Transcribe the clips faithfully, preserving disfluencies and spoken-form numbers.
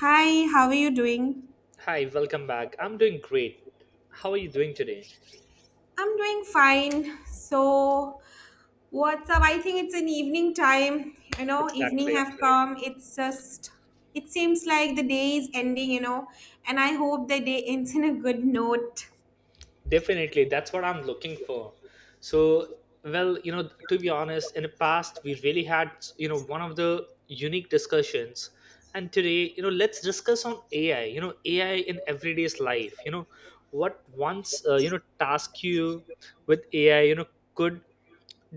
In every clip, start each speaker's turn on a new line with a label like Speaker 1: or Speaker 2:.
Speaker 1: Hi, how are you doing?
Speaker 2: Hi, welcome back. I'm doing great. How are you doing today?
Speaker 1: I'm doing fine. So, what's up? I think it's an evening time. You know, evening
Speaker 2: Exactly.
Speaker 1: have come. It's just, it seems like the day is ending, you know, and I hope the day ends in a good note.
Speaker 2: Definitely. That's what I'm looking for. So, well, you know, to be honest, in the past, we really had, you know, one of the unique discussions. And today, you know, let's discuss on A I, you know, A I in everyday's life. You know, what once, uh, you know, Task you with A I, you know, could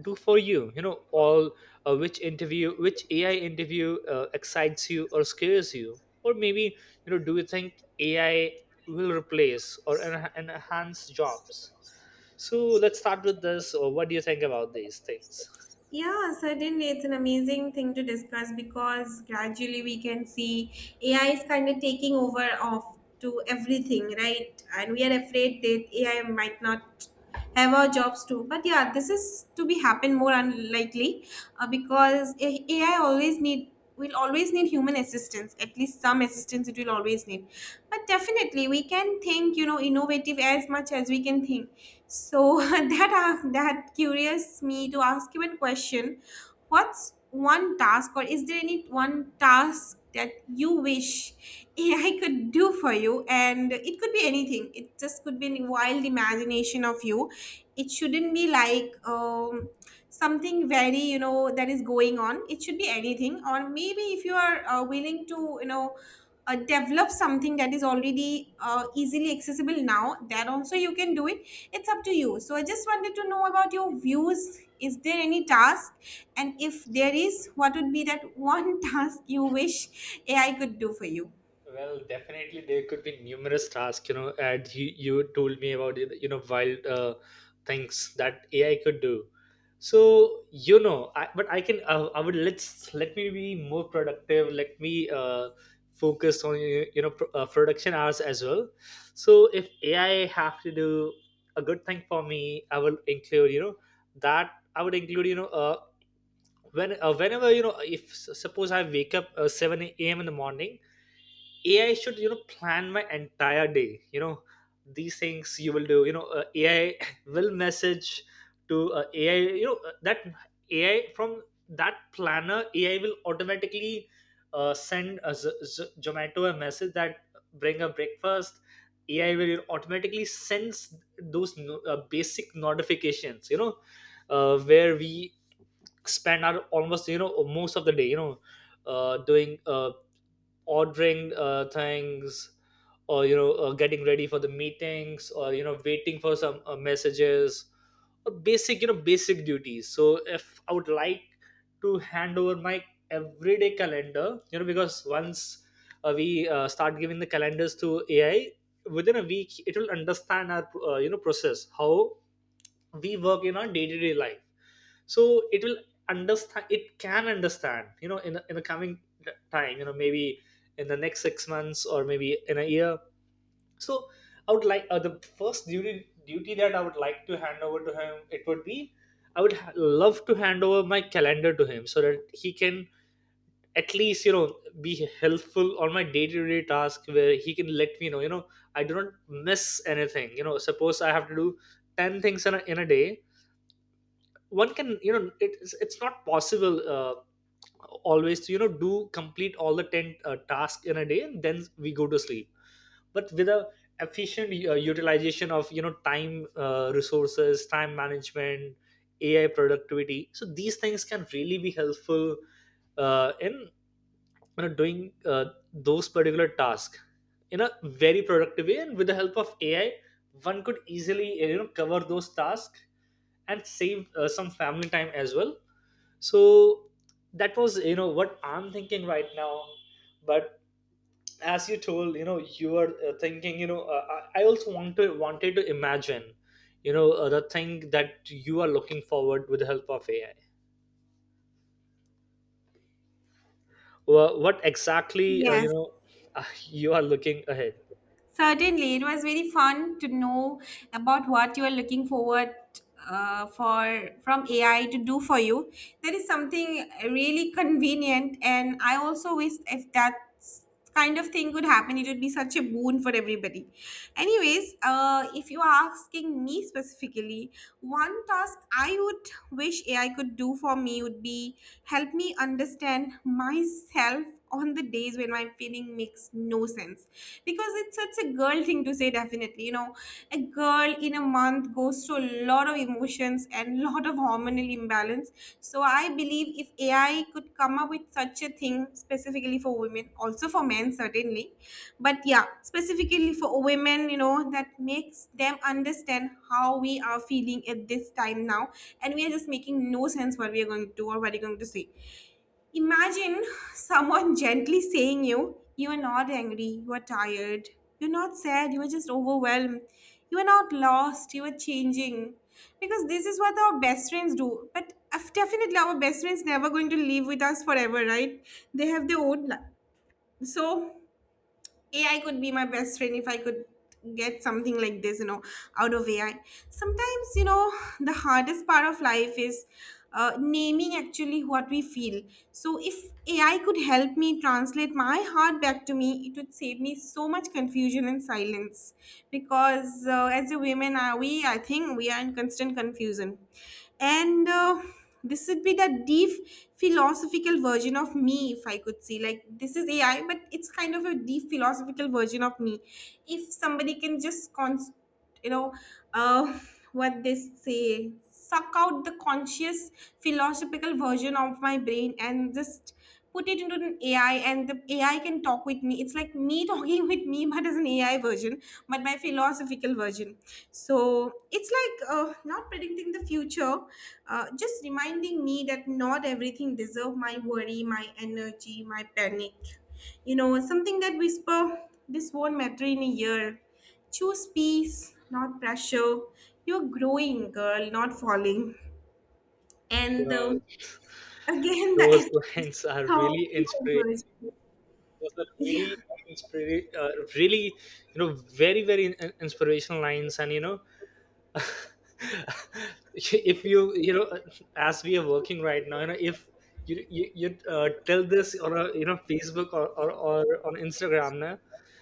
Speaker 2: do for you you know all uh, Which interview, which AI interview uh, excites you or scares you? Or maybe, you know, do you think AI will replace or en- enhance jobs? So let's start with this. Or what do you think about these things?
Speaker 1: Yeah, certainly. It's an amazing thing to discuss because gradually we can see A I is kind of taking over of to everything, right? And we are afraid that A I might not have our jobs too. But yeah, this is to be happen more unlikely uh, because A I always need we'll always need human assistance, at least some assistance it will always need. But definitely we can think, you know, innovative as much as we can think. So that uh, that curious me to ask you a question. What's one task, or is there any one task that you wish A I could do for you? And it could be anything, it just could be a wild imagination of you. It shouldn't be like um, something very, you know, that is going on. It should be anything, or maybe if you are uh, willing to, you know, uh, develop something that is already uh, easily accessible now, that also you can do it. It's up to you. So I just wanted to know about your views. Is there any task, and if there is, what would be that one task you wish AI could do for you?
Speaker 2: Well, definitely there could be numerous tasks, you know, and you, you told me about, you know, wild uh, things that A I could do. So, you know, I, but I can, uh, I would, let's, let me be more productive. Let me uh, focus on, you know, pro- uh, production hours as well. So if A I have to do a good thing for me, I will include, you know, that I would include, you know, uh, when, uh, whenever, you know, if suppose I wake up uh, seven a m in the morning, A I should, you know, plan my entire day. You know, these things you will do. You know uh, A I will message to uh, A I. You know uh, that A I, from that planner A I, will automatically uh, send a Z- Z- Zomato a message that uh, bring a breakfast. A I will automatically sends those no- uh, basic notifications. You know, uh, where we spend our almost, you know, most of the day. You know, uh, doing, uh, ordering uh, things, or, you know, uh, getting ready for the meetings, or, you know, waiting for some uh, messages, or basic, you know, basic duties. So if I would like to hand over my everyday calendar, you know, because once uh, we uh, start giving the calendars to AI, within a week it will understand our, uh, you know, process, how we work in our day-to-day life. So it will understand it can understand, you know, in the, in the coming time, you know, maybe in the next six months or maybe in a year. So I would like, uh, the first duty duty that I would like to hand over to him, it would be, I would ha- love to hand over my calendar to him, so that he can at least, you know, be helpful on my day-to-day task, where he can let me know, you know, I do not miss anything. You know, suppose I have to do ten things in a, in a day. One can, you know, it's it's not possible, uh, always, you know, do complete all the ten uh, tasks in a day and then we go to sleep. But with a efficient uh, utilization of, you know, time, uh, resources, time management, AI productivity, so these things can really be helpful uh, in, you know, doing uh, those particular tasks in a very productive way. And with the help of AI, one could easily, you know, cover those tasks and save uh, some family time as well. So that was, you know, what I'm thinking right now. But as you told, you know, you were uh, thinking, you know uh, i I also want to wanted to imagine, you know uh, the thing that you are looking forward with the help of AI. Wha- what exactly, uh, you
Speaker 1: Yes.
Speaker 2: know you are looking ahead,
Speaker 1: Certainly, it was very fun to know about what you are looking forward uh, for from A I to do for you. That is something really convenient, and I also wish if that kind of thing could happen, it would be such a boon for everybody. Anyways, uh, if you are asking me specifically, one task I would wish A I could do for me would be help me understand myself on the days when my feeling makes no sense, because it's such a girl thing to say. Definitely, you know, a girl in a month goes through a lot of emotions and lot of hormonal imbalance. So I believe if AI could come up with such a thing specifically for women, also for men certainly, but yeah, specifically for women, you know, that makes them understand how we are feeling at this time now, and we are just making no sense what we are going to do or what we're going to say. Imagine someone gently saying, you, you are not angry, you are tired, you're not sad, you are just overwhelmed, you are not lost, you are changing. Because this is what our best friends do. But af- definitely, our best friends never going to live with us forever, right? They have their own life. So A I could be my best friend if I could get something like this, you know, out of A I. Sometimes, you know, the hardest part of life is uh, naming actually what we feel. So, if A I could help me translate my heart back to me, it would save me so much confusion and silence. Because uh, as a women, are we? I think we are in constant confusion, and uh, this would be the deep philosophical version of me. If I could see, like, this is AI, but it's kind of a deep philosophical version of me, if somebody can just const- you know uh, what they say, suck out the conscious philosophical version of my brain and just put it into an A I, and the A I can talk with me. It's like me talking with me, but as an A I version, but my philosophical version. So it's like uh, not predicting the future, uh, just reminding me that not everything deserves my worry, my energy, my panic. You know, something that whisper, this won't matter in a year. Choose peace, not pressure. You're growing, girl, not falling.
Speaker 2: you
Speaker 1: And
Speaker 2: know
Speaker 1: um, again, the
Speaker 2: those
Speaker 1: aesthetic
Speaker 2: lines are
Speaker 1: song.
Speaker 2: really inspiring. Those are
Speaker 1: Yeah,
Speaker 2: really uh, inspira- uh, really, you know, very very in- inspirational lines. And, you know, if you, you know, as we are working right now, you know, if you you, you uh, tell this on a, you know, Facebook, or, or, or on Instagram na,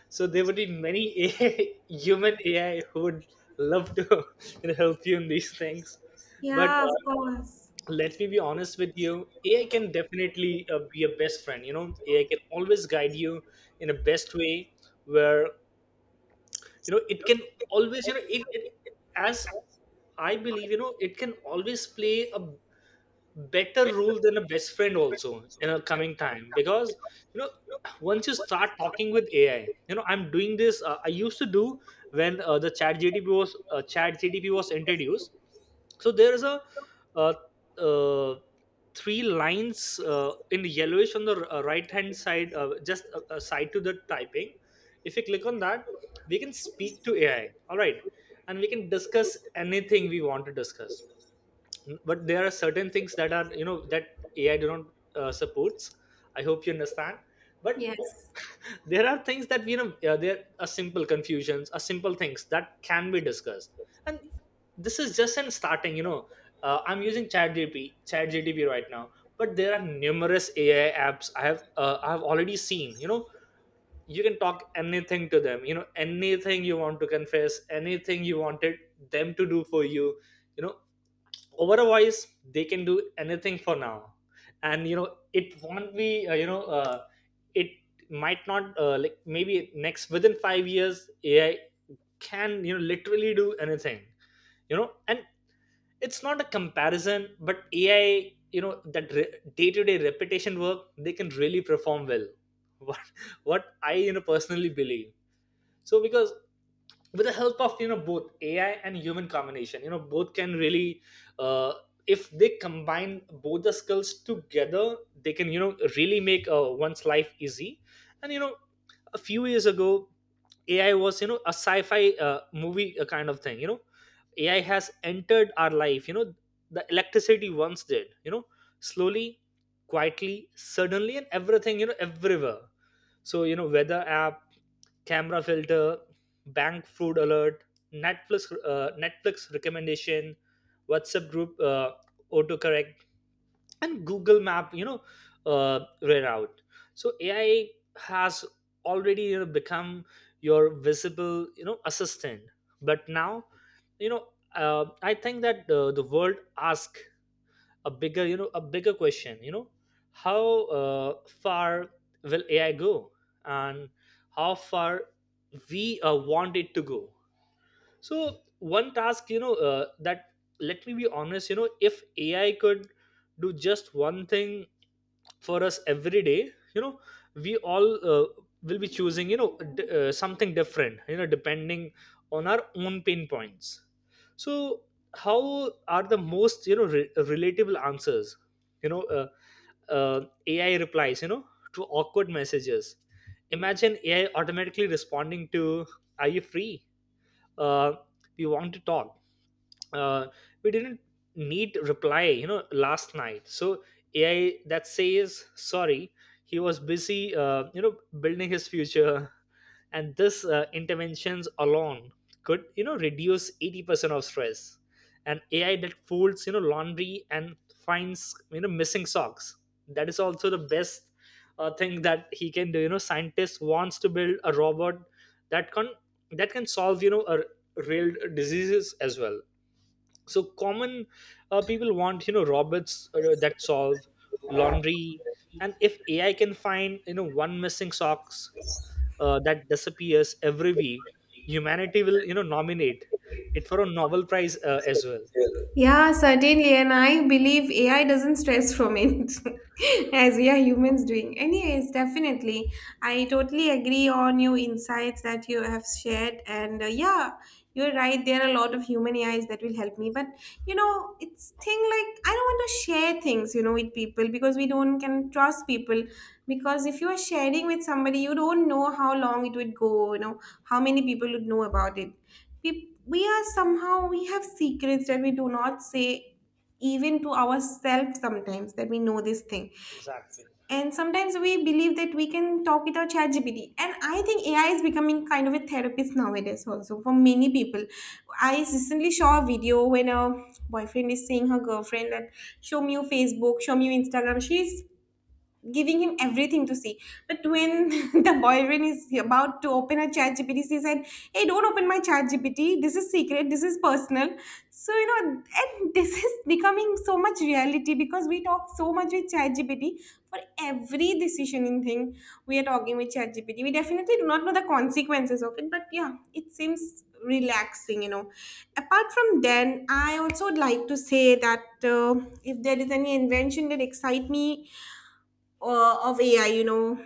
Speaker 2: so there would be many A I, human AI, who would love to you know, help you in these things. But
Speaker 1: yeah, of
Speaker 2: uh,
Speaker 1: course.
Speaker 2: let me be honest with you. AI can definitely uh, be a best friend, you know. AI can always guide you in a best way, where, you know, it can always you know it, it as I believe, you know, it can always play a better rule than a best friend also in a coming time. Because, you know, once you start talking with AI, you know, I'm doing this, uh, I used to do when uh, the chat GDP was, uh, chat GDP was introduced. So there is a uh, uh, three lines uh, in yellowish on the right hand side, uh, just uh, uh, side to the typing. If you click on that, we can speak to AI, all right, and we can discuss anything we want to discuss. But there are certain things that are, you know, that AI do not uh, supports. I hope you understand. But
Speaker 1: Yes.
Speaker 2: there are things that, you know, uh, there are simple confusions, are simple things that can be discussed. And this is just in starting, you know, uh, I'm using ChatGPT ChatGPT right now. But there are numerous AI apps i have uh, i have already seen, you know. You can talk anything to them, you know, anything you want to confess, anything you wanted them to do for you, you know. Otherwise, they can do anything for now. And you know, it won't be, uh, you know uh, it might not, uh, like maybe next, within five years, AI can, you know, literally do anything, you know. And it's not a comparison, but AI, you know, that re- day-to-day repetition work, they can really perform well. what what I, you know, personally believe. So because with the help of, you know, both AI and human combination, you know, both can really uh, if they combine both the skills together, they can, you know, really make uh, one's life easy. And, you know, a few years ago, AI was, you know, a sci-fi uh, movie uh, kind of thing, you know. AI has entered our life, you know, the electricity once did, you know, slowly, quietly, suddenly, and everything, you know, everywhere. So, you know, weather app, camera filter, bank fraud alert, Netflix uh, Netflix recommendation, WhatsApp group, uh, autocorrect, and Google Map, you know, uh, reroute. So A I has already, you know, become your visible, you know, assistant, but now, you know. Uh, I think that uh, the world asks a bigger you know a bigger question, you know, how uh, far will AI go, and how far we uh, want it to go. So one task, you know, uh, that, let me be honest, you know, if AI could do just one thing for us every day, you know, we all uh, will be choosing, you know, d- uh, something different, you know, depending on our own pain points. So how are the most, you know, re- relatable answers, you know, uh, uh, AI replies, you know, to awkward messages. Imagine AI automatically responding to, are you free, uh, we want to talk, uh, we didn't need reply, you know, last night. So AI that says sorry, he was busy, uh, you know, building his future. And this uh, interventions alone could, you know, reduce eighty percent of stress. And AI that folds, you know, laundry and finds, you know, missing socks, that is also the best uh, thing that he can do. You know, scientist wants to build a robot that can, that can solve, you know, a real diseases as well. So common, uh, people want, you know, robots uh, that solve laundry. And if AI can find, you know, one missing socks uh, that disappears every week, humanity will, you know, nominate it for a Nobel Prize uh, as well.
Speaker 1: Yeah, certainly. And I believe A I doesn't stress from it as we are humans doing. Anyways, definitely. I totally agree on your insights that you have shared. And uh, yeah, you're right. There are a lot of human A Is that will help me. But, you know, it's thing like I don't want to share things, you know, with people because we don't can trust people. Because if you are sharing with somebody, you don't know how long it would go, you know, how many people would know about it. We are somehow, we have secrets that we do not say even to ourselves sometimes, that we know this thing.
Speaker 2: Exactly.
Speaker 1: And sometimes we believe that we can talk with our chat, and I think AI is becoming kind of a therapist nowadays also for many people. I recently saw a video when a boyfriend is saying her girlfriend that, show me your Facebook, show me your Instagram. She's giving him everything to see. But when the boyfriend is about to open a chat G P T, she said, hey, don't open my chat G P T. This is secret. This is personal. So, you know, and this is becoming so much reality, because we talk so much with chat G P T for every decision in thing. We are talking with chat G P T. We definitely do not know the consequences of it, but yeah, it seems relaxing, you know. Apart from then, I also would like to say that uh, if there is any invention that excite me uh, of A I, you know.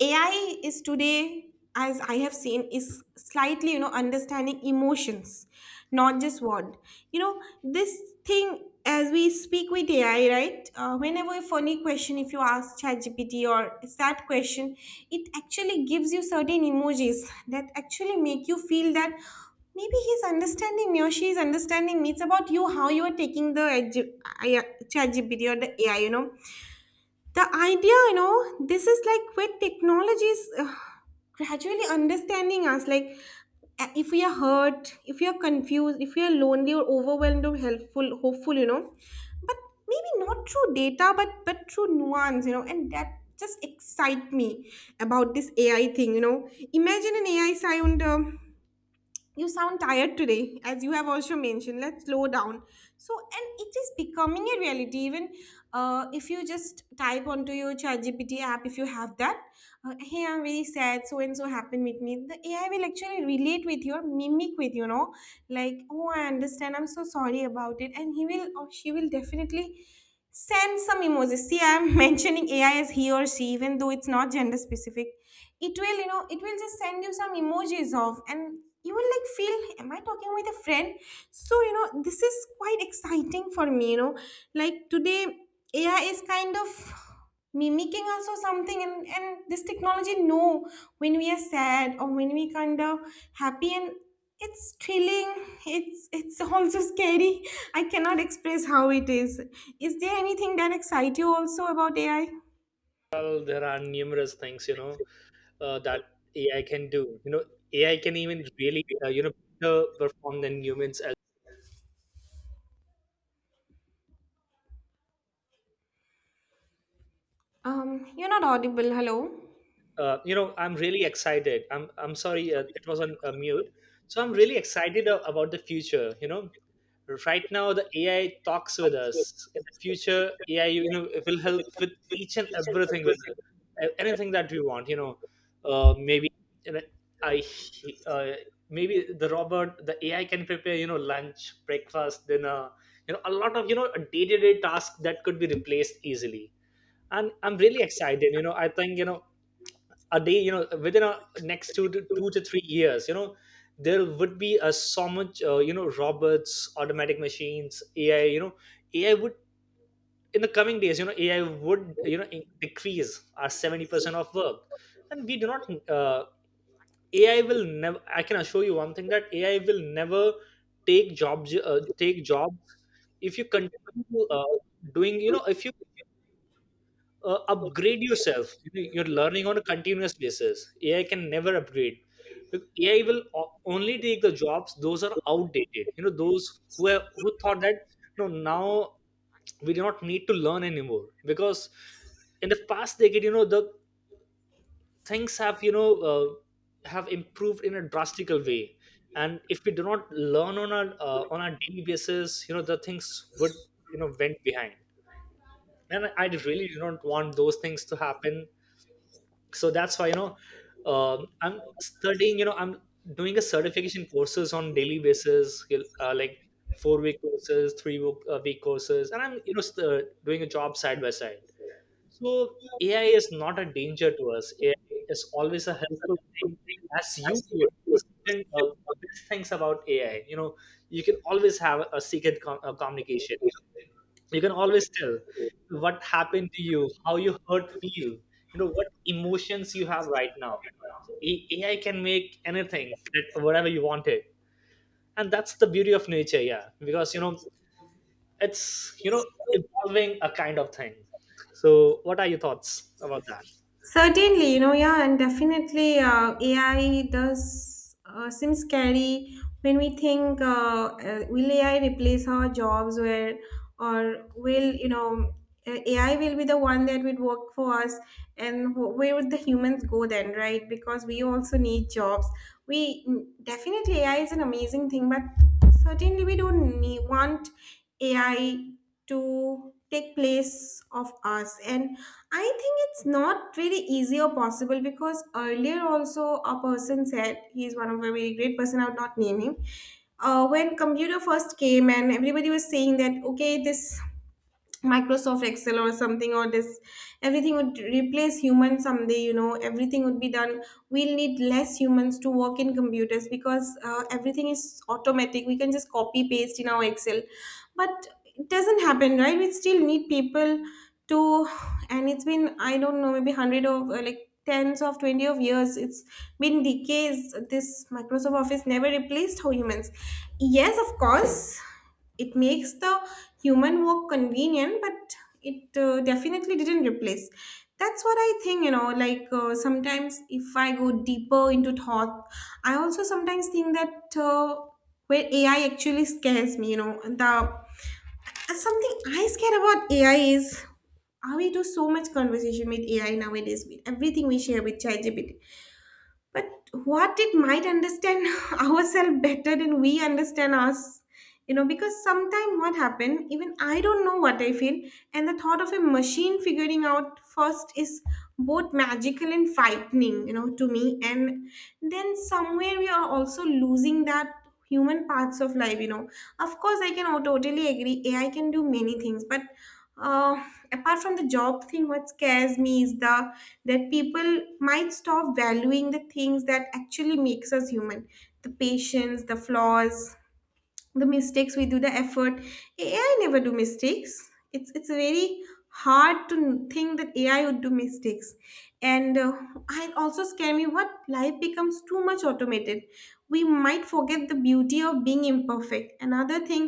Speaker 1: A I is today, as I have seen, is slightly, you know, understanding emotions, not just word. You know, this thing as we speak with A I, right? Uh, whenever a funny question, if you ask ChatGPT or that question, it actually gives you certain emojis that actually make you feel that maybe he's understanding me or she is understanding me. It's about you, how you are taking the edu- I- uh, ChatGPT or the A I, you know, the idea. You know, this is like where technology is uh, gradually understanding us, like uh, if we are hurt, if we are confused, if we are lonely or overwhelmed or helpful, hopeful, you know. But maybe not through data, but but through nuance, you know, and that just excite me about this AI thing. You know, imagine an AI sound, um, you sound tired today, as you have also mentioned, let's slow down. So, and it is becoming a reality even uh, if you just type onto your ChatGPT app, if you have that, uh, hey, I'm very sad, so and so happened with me, the AI will actually relate with you or mimic with, you know, like, oh, I understand, I'm so sorry about it. And he will or she will definitely send some emojis. See, I'm mentioning AI as he or she, even though it's not gender specific. It will, you know, it will just send you some emojis of, and you will like feel, am I talking with a friend? So, you know, this is quite exciting for me, you know. Like, today AI is kind of mimicking us or something, and and this technology know when we are sad or when we kind of happy. And it's thrilling, it's it's also scary. I cannot express how it is. Is there anything that excites you also about AI?
Speaker 2: Well, there are numerous things, you know, uh, that AI can do, you know. AI can even really uh, you know, better perform than humans.
Speaker 1: Um, you're not audible, hello?
Speaker 2: Uh, you know, I'm really excited. I'm i'm sorry, uh, it was on uh, mute. So I'm really excited a- about the future, you know. Right now the AI talks with us. In the future, AI, you know, it will help with each and everything with it. A- anything that we want, you know uh, maybe you know, I uh, maybe the robot, the AI, can prepare, you know, lunch, breakfast, dinner. You know a lot of you know day-to-day tasks that could be replaced easily, and I'm really excited. You know, I think, you know, a day, you know, within a next two to two to three years, you know, there would be a so much uh, you know, robots, automatic machines, AI. You know ai would In the coming days, you know, AI would, you know, in- decrease our seventy percent of work. And we do not uh, AI will never. I can assure you one thing, that AI will never take jobs, uh, take jobs. If you continue, uh, doing, you know, if uh, upgrade yourself, you know, you're learning on a continuous basis, AI can never upgrade. Bec- AI will o- only take the jobs those are outdated, you know, those who have, who thought that no, now we do not need to learn anymore, because in the past decade, you know, the things have, you know, uh, have improved in a drastical way. And if we do not learn on a uh, on a daily basis, you know, the things would, you know, went behind, and I really do not want those things to happen. So that's why, you know, um I'm studying, you know, I'm doing a certification courses on daily basis, uh, like four week courses, three week, uh, week courses, and I'm, you know, st- uh, doing a job side by side. So AI is not a danger to us. AI is always a helpful thing, as you would. and, uh, Best things about AI, you know, you can always have a secret com- uh, communication. You can always tell what happened to you, how you hurt feel, you know, what emotions you have right now. So A- AI can make anything that- whatever you want it. And that's the beauty of nature, yeah, because, you know, it's, you know, evolving a kind of thing. So what are your thoughts about that?
Speaker 1: Certainly, you know, yeah, and definitely uh, A I does uh, seem scary. When we think uh, uh, will A I replace our jobs, where or will, you know, uh, A I will be the one that would work for us, and wh- where would the humans go then, right? Because we also need jobs. We mm, definitely A I is an amazing thing, but certainly we don't need, want A I to take place of us. And I think it's not very easy or possible, because earlier also a person said, he's one of a very great person, I would not name him. Uh, when computer first came and everybody was saying that, okay, this Microsoft Excel or something, or this, everything would replace humans someday. You know, everything would be done. We'll need less humans to work in computers because uh, everything is automatic. We can just copy paste in our Excel. But it doesn't happen, right? We still need people to, and it's been, I don't know, maybe a hundred of uh, like tens of twenty of years, it's been decays. This Microsoft office never replaced how humans. Yes, of course, it makes the human work convenient, but it uh, definitely didn't replace. That's what I think, you know, like uh, sometimes if I go deeper into thought, I also sometimes think that uh, where AI actually scares me, you know. The and something I scare about A I is how we do so much conversation with A I nowadays, with everything we share with ChatGPT. But what it might understand ourselves better than we understand us. You know, because sometimes what happen, even I don't know what I feel, and the thought of a machine figuring out first is both magical and frightening, you know, to me. And then somewhere we are also losing that human parts of life, you know. Of course I can, oh, totally agree AI can do many things, but uh, apart from the job thing, what scares me is the that people might stop valuing the things that actually makes us human: the patience, the flaws, the mistakes we do, the effort. AI never do mistakes. It's it's very hard to think that AI would do mistakes. And uh, I also scare me what life becomes too much automated. We might forget the beauty of being imperfect. Another thing,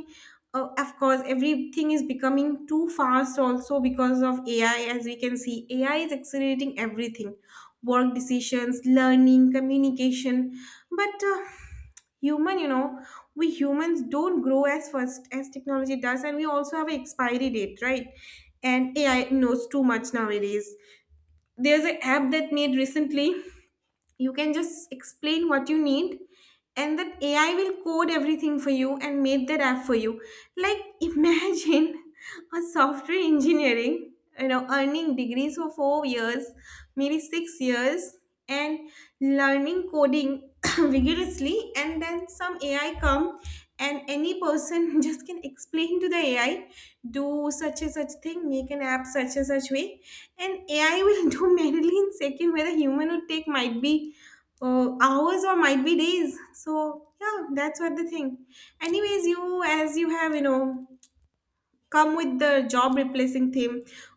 Speaker 1: uh, of course everything is becoming too fast also because of AI. As we can see, AI is accelerating everything: work, decisions, learning, communication. But uh, human, you know, we humans don't grow as fast as technology does, and we also have an expiry date, right? And AI knows too much nowadays. There's an app that made recently. You can just explain what you need, and that AI will code everything for you and make that app for you. Like, imagine a software engineering, you know, earning degrees for four years, maybe six years, and learning coding vigorously, and then some AI come, and any person just can explain to the AI, do such and such thing, make an app such and such way, and AI will do manually in second where the human would take might be uh, hours or might be days. So yeah, that's what the thing. Anyways, you, as you have, you know, come with the job replacing theme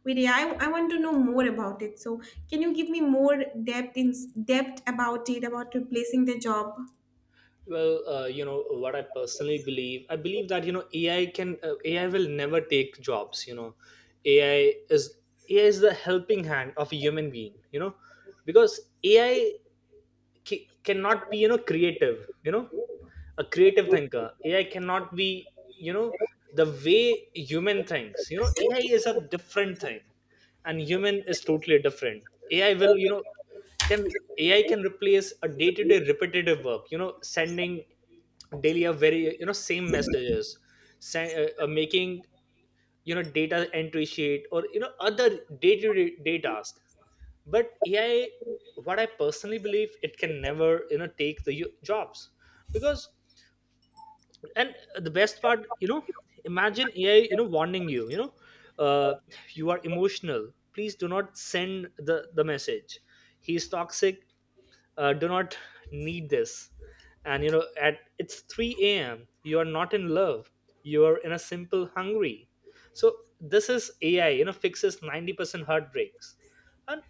Speaker 1: with AI, I want to know more about it, so can you give me more depth in depth about it, about replacing the job?
Speaker 2: Well, uh, you know what, I personally believe, I believe that, you know, AI can uh, AI will never take jobs, you know. ai is AI is the helping hand of a human being, you know, because AI ca- cannot be, you know, creative, you know. A creative thinker AI cannot be, you know, the way human thinks, you know. AI is a different thing and human is totally different. AI will, you know, can, AI can replace a day-to-day repetitive work, you know, sending daily a very, you know, same messages, send, uh, uh, making, you know, data entry sheet or, you know, other day-to-day day task. But AI, what I personally believe, it can never, you know, take the u- jobs, because. And the best part, you know, imagine AI, you know, warning you, you know, uh, you are emotional, please do not send the the message, he is toxic, uh, do not need this. And, you know, at it's three a.m., you are not in love, you are in a simple hungry. So this is AI, you know, fixes ninety percent heartbreaks. And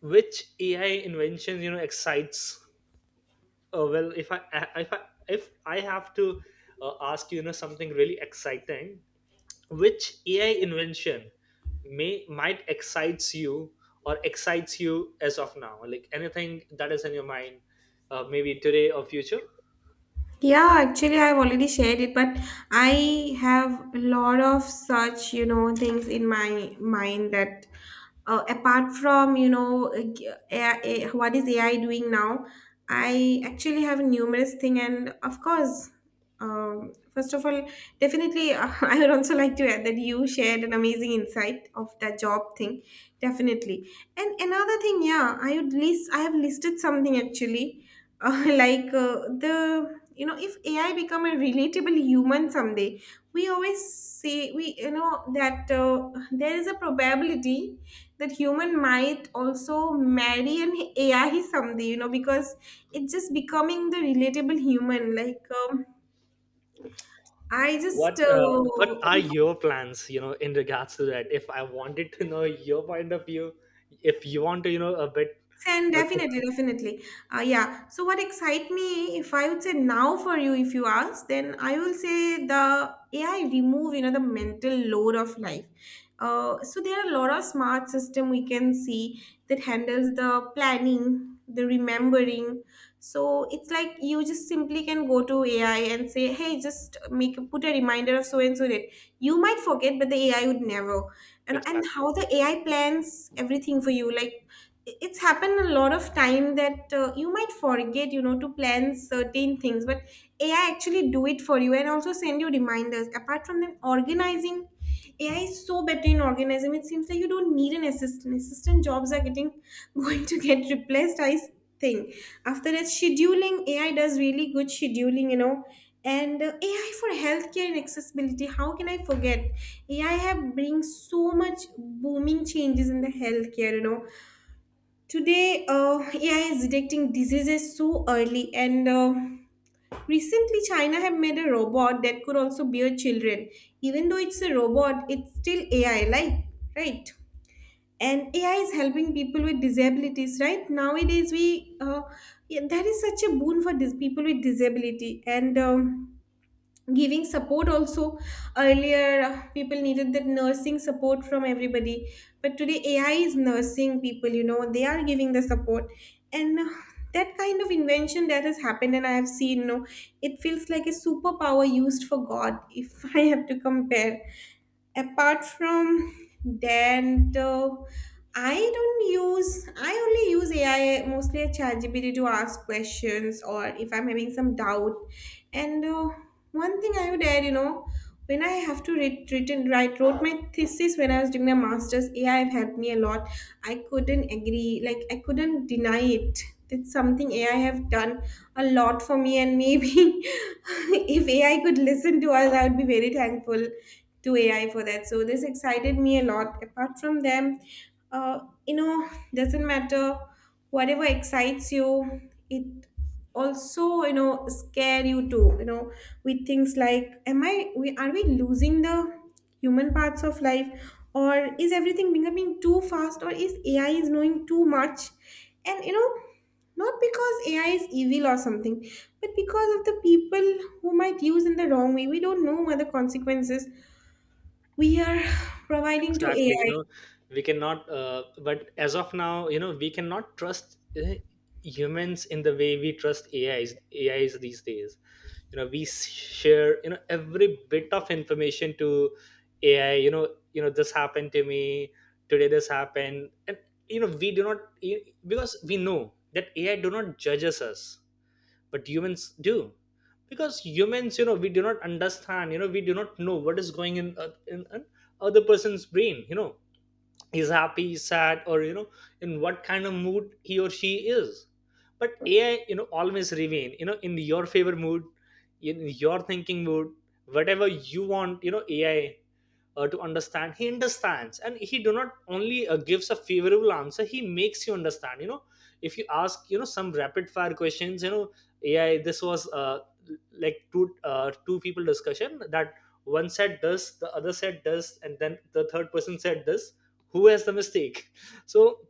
Speaker 2: which AI inventions, you know, excites, uh, well if i uh, if i if I have to uh, ask you, you know, something really exciting, which AI invention may might excites you, or excites you as of now, like anything that is in your mind, uh, maybe today or future.
Speaker 1: Yeah, actually, I've already shared it, but I have a lot of such, you know, things in my mind that, uh, apart from, you know, uh, g- A I, A- what is A I doing now, I actually have numerous thing, and of course, um, first of all, definitely, uh, I would also like to add that you shared an amazing insight of that job thing, definitely. And another thing, yeah, I would list, I have listed something actually. Uh, like, uh, the, you know, if AI become a relatable human someday. We always say we, you know, that uh, there is a probability that human might also marry an AI someday, you know, because it's just becoming the relatable human. Like, um, I just
Speaker 2: What uh, what
Speaker 1: uh,
Speaker 2: are your plans, you know, in regards to that, if I wanted to know your point of view, if you want to, you know, a bit,
Speaker 1: and
Speaker 2: but.
Speaker 1: definitely, definitely. Uh, yeah. So what excites me, if I would say now for you, if you ask, then I will say the A I remove, you know, the mental load of life. Uh, so there are a lot of smart system we can see that handles the planning, the remembering. So it's like you just simply can go to A I and say, hey, just make put a reminder of so and so date. You might forget, but the A I would never. And and
Speaker 2: Exactly.
Speaker 1: how the A I plans everything for you. Like, it's happened a lot of time that uh, you might forget, you know, to plan certain things, but AI actually do it for you, and also send you reminders. Apart from them, organizing, AI is so better in organizing. It seems like you don't need an assistant. Assistant jobs are getting going to get replaced, I think. After that, scheduling, AI does really good scheduling, you know. And uh, AI for healthcare and accessibility, how can I forget? AI have bring so much booming changes in the healthcare, you know. Today, uh, A I is detecting diseases so early, and uh, recently, China have made a robot that could also bear children. Even though it's a robot, it's still A I, like, right? And A I is helping people with disabilities, right? Nowadays, we uh, yeah, that is such a boon for these people with disability, and Um, giving support also. Earlier, uh, people needed that nursing support from everybody, but today AI is nursing people, you know, they are giving the support. And uh, that kind of invention that has happened and I have seen, you know, it feels like a superpower used for god, if I have to compare. Apart from that, uh, I don't use I only use AI mostly at ChatGPT to ask questions, or if I'm having some doubt. And uh, one thing I would add, you know, when I have to write written write wrote my thesis when I was doing my masters, AI have helped me a lot. I couldn't agree, like, I couldn't deny it. It's something AI have done a lot for me. And maybe if AI could listen to us, I would be very thankful to A I for that. So this excited me a lot. Apart from them, uh, you know, doesn't matter whatever excites you, it also, you know, scare you too. You know, with things like, am I? We are we losing the human parts of life, or is everything becoming too fast, or is A I is knowing too much? And you know, not because A I is evil or something, but because of the people who might use in the wrong way. We don't know what the consequences we are providing to
Speaker 2: Exactly, you
Speaker 1: A I.
Speaker 2: know, we cannot uh, but as of now, you know, we cannot trust uh, humans in the way we trust AIs. AIs these days, you know, we s- share, you know, every bit of information to AI, you know. You know, this happened to me, today this happened, and, you know, we do not, because we know that AI do not judges us, but humans do, because humans, you know, we do not understand, you know, we do not know what is going in, uh, in, in other person's brain, you know, he's happy, he's sad, or, you know, in what kind of mood he or she is. But AI, you know, always remain, you know, in your favor mood, in your thinking mood, whatever you want, you know, AI uh, to understand, he understands, and he do not only uh, gives a favorable answer, he makes you understand, you know. If you ask, you know, some rapid fire questions, you know, AI, this was uh, like two uh, two people discussion, that one said this, the other said this, and then the third person said this, who has the mistake? So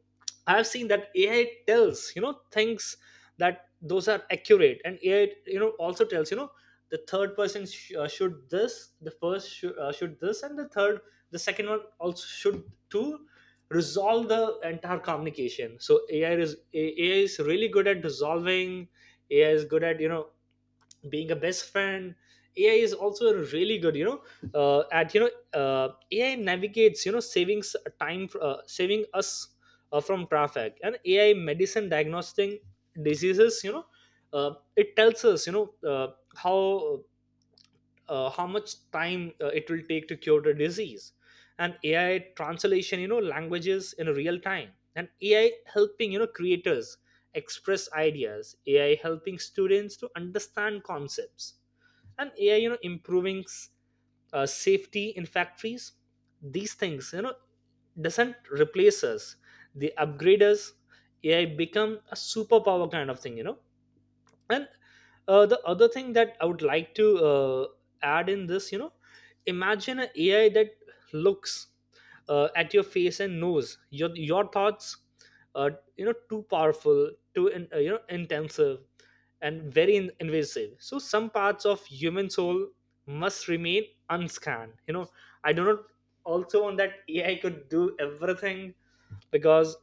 Speaker 2: I've seen that AI tells, you know, things that those are accurate. And AI, you know, also tells, you know, the third person sh- uh, should this, the first sh- uh, should this, and the third, the second one also should, to resolve the entire communication. So AI is A- AI is really good at resolving. AI is good at, you know, being a best friend. AI is also really good, you know, uh, at you know uh, AI navigates, you know, savings time fr- uh, saving us uh, from traffic. And AI medicine diagnosing diseases, you know, uh, it tells us, you know, uh, how uh, how much time uh, it will take to cure the disease. And AI translation, you know, languages in real time. And AI helping, you know, creators express ideas. AI helping students to understand concepts. And AI, you know, improving s- uh, safety in factories. These things, you know, doesn't replace us, they upgrade us. AI become a superpower kind of thing, you know. And uh, the other thing that I would like to uh, add in this, you know, imagine an AI that looks uh, at your face and knows your your thoughts, are, you know, too powerful, too in, uh, you know, intensive, and very in- invasive. So some parts of human soul must remain unscanned, you know. I do not also want that AI could do everything, because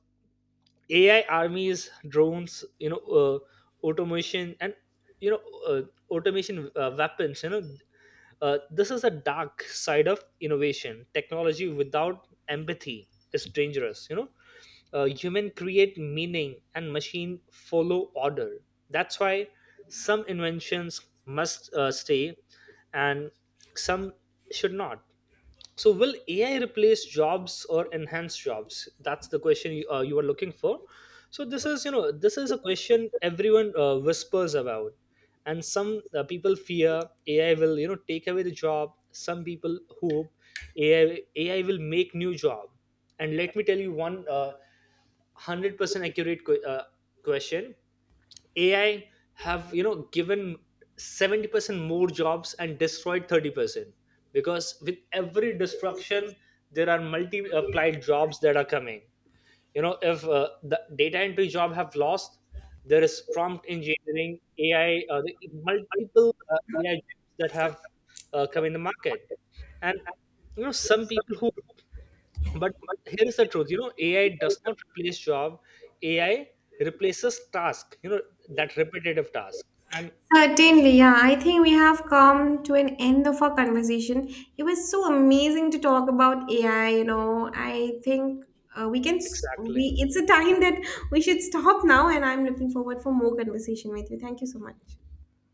Speaker 2: A I armies, drones, you know, uh, automation, and, you know, uh, automation uh, weapons. You know, uh, this is a dark side of innovation. Technology without empathy is dangerous. You know, uh, human create meaning and machine follow order. That's why some inventions must uh, stay, and some should not. So will A I replace jobs or enhance jobs? That's the question you, uh, you are looking for. So this is, you know, this is a question everyone uh, whispers about. And some uh, people fear A I will, you know, take away the job. Some people hope A I A I will make new job. And let me tell you one uh, one hundred percent accurate que- uh, question: A I have, you know, given seventy percent more jobs and destroyed thirty percent, because with every destruction there are multiplied jobs that are coming, you know. If uh, the data entry job have lost, there is prompt engineering AI uh, the multiple uh, AI jobs that have uh, come in the market. And, you know, some people who, but here is the truth, you know, AI does not replace job. AI replaces task, you know, that repetitive task. And
Speaker 1: Certainly, yeah. I think we have come to an end of our conversation. It was so amazing to talk about A I, you know. I think uh, we can s- we
Speaker 2: exactly.
Speaker 1: it's a time that we should stop now, and I'm looking forward for more conversation with you. Thank you so much.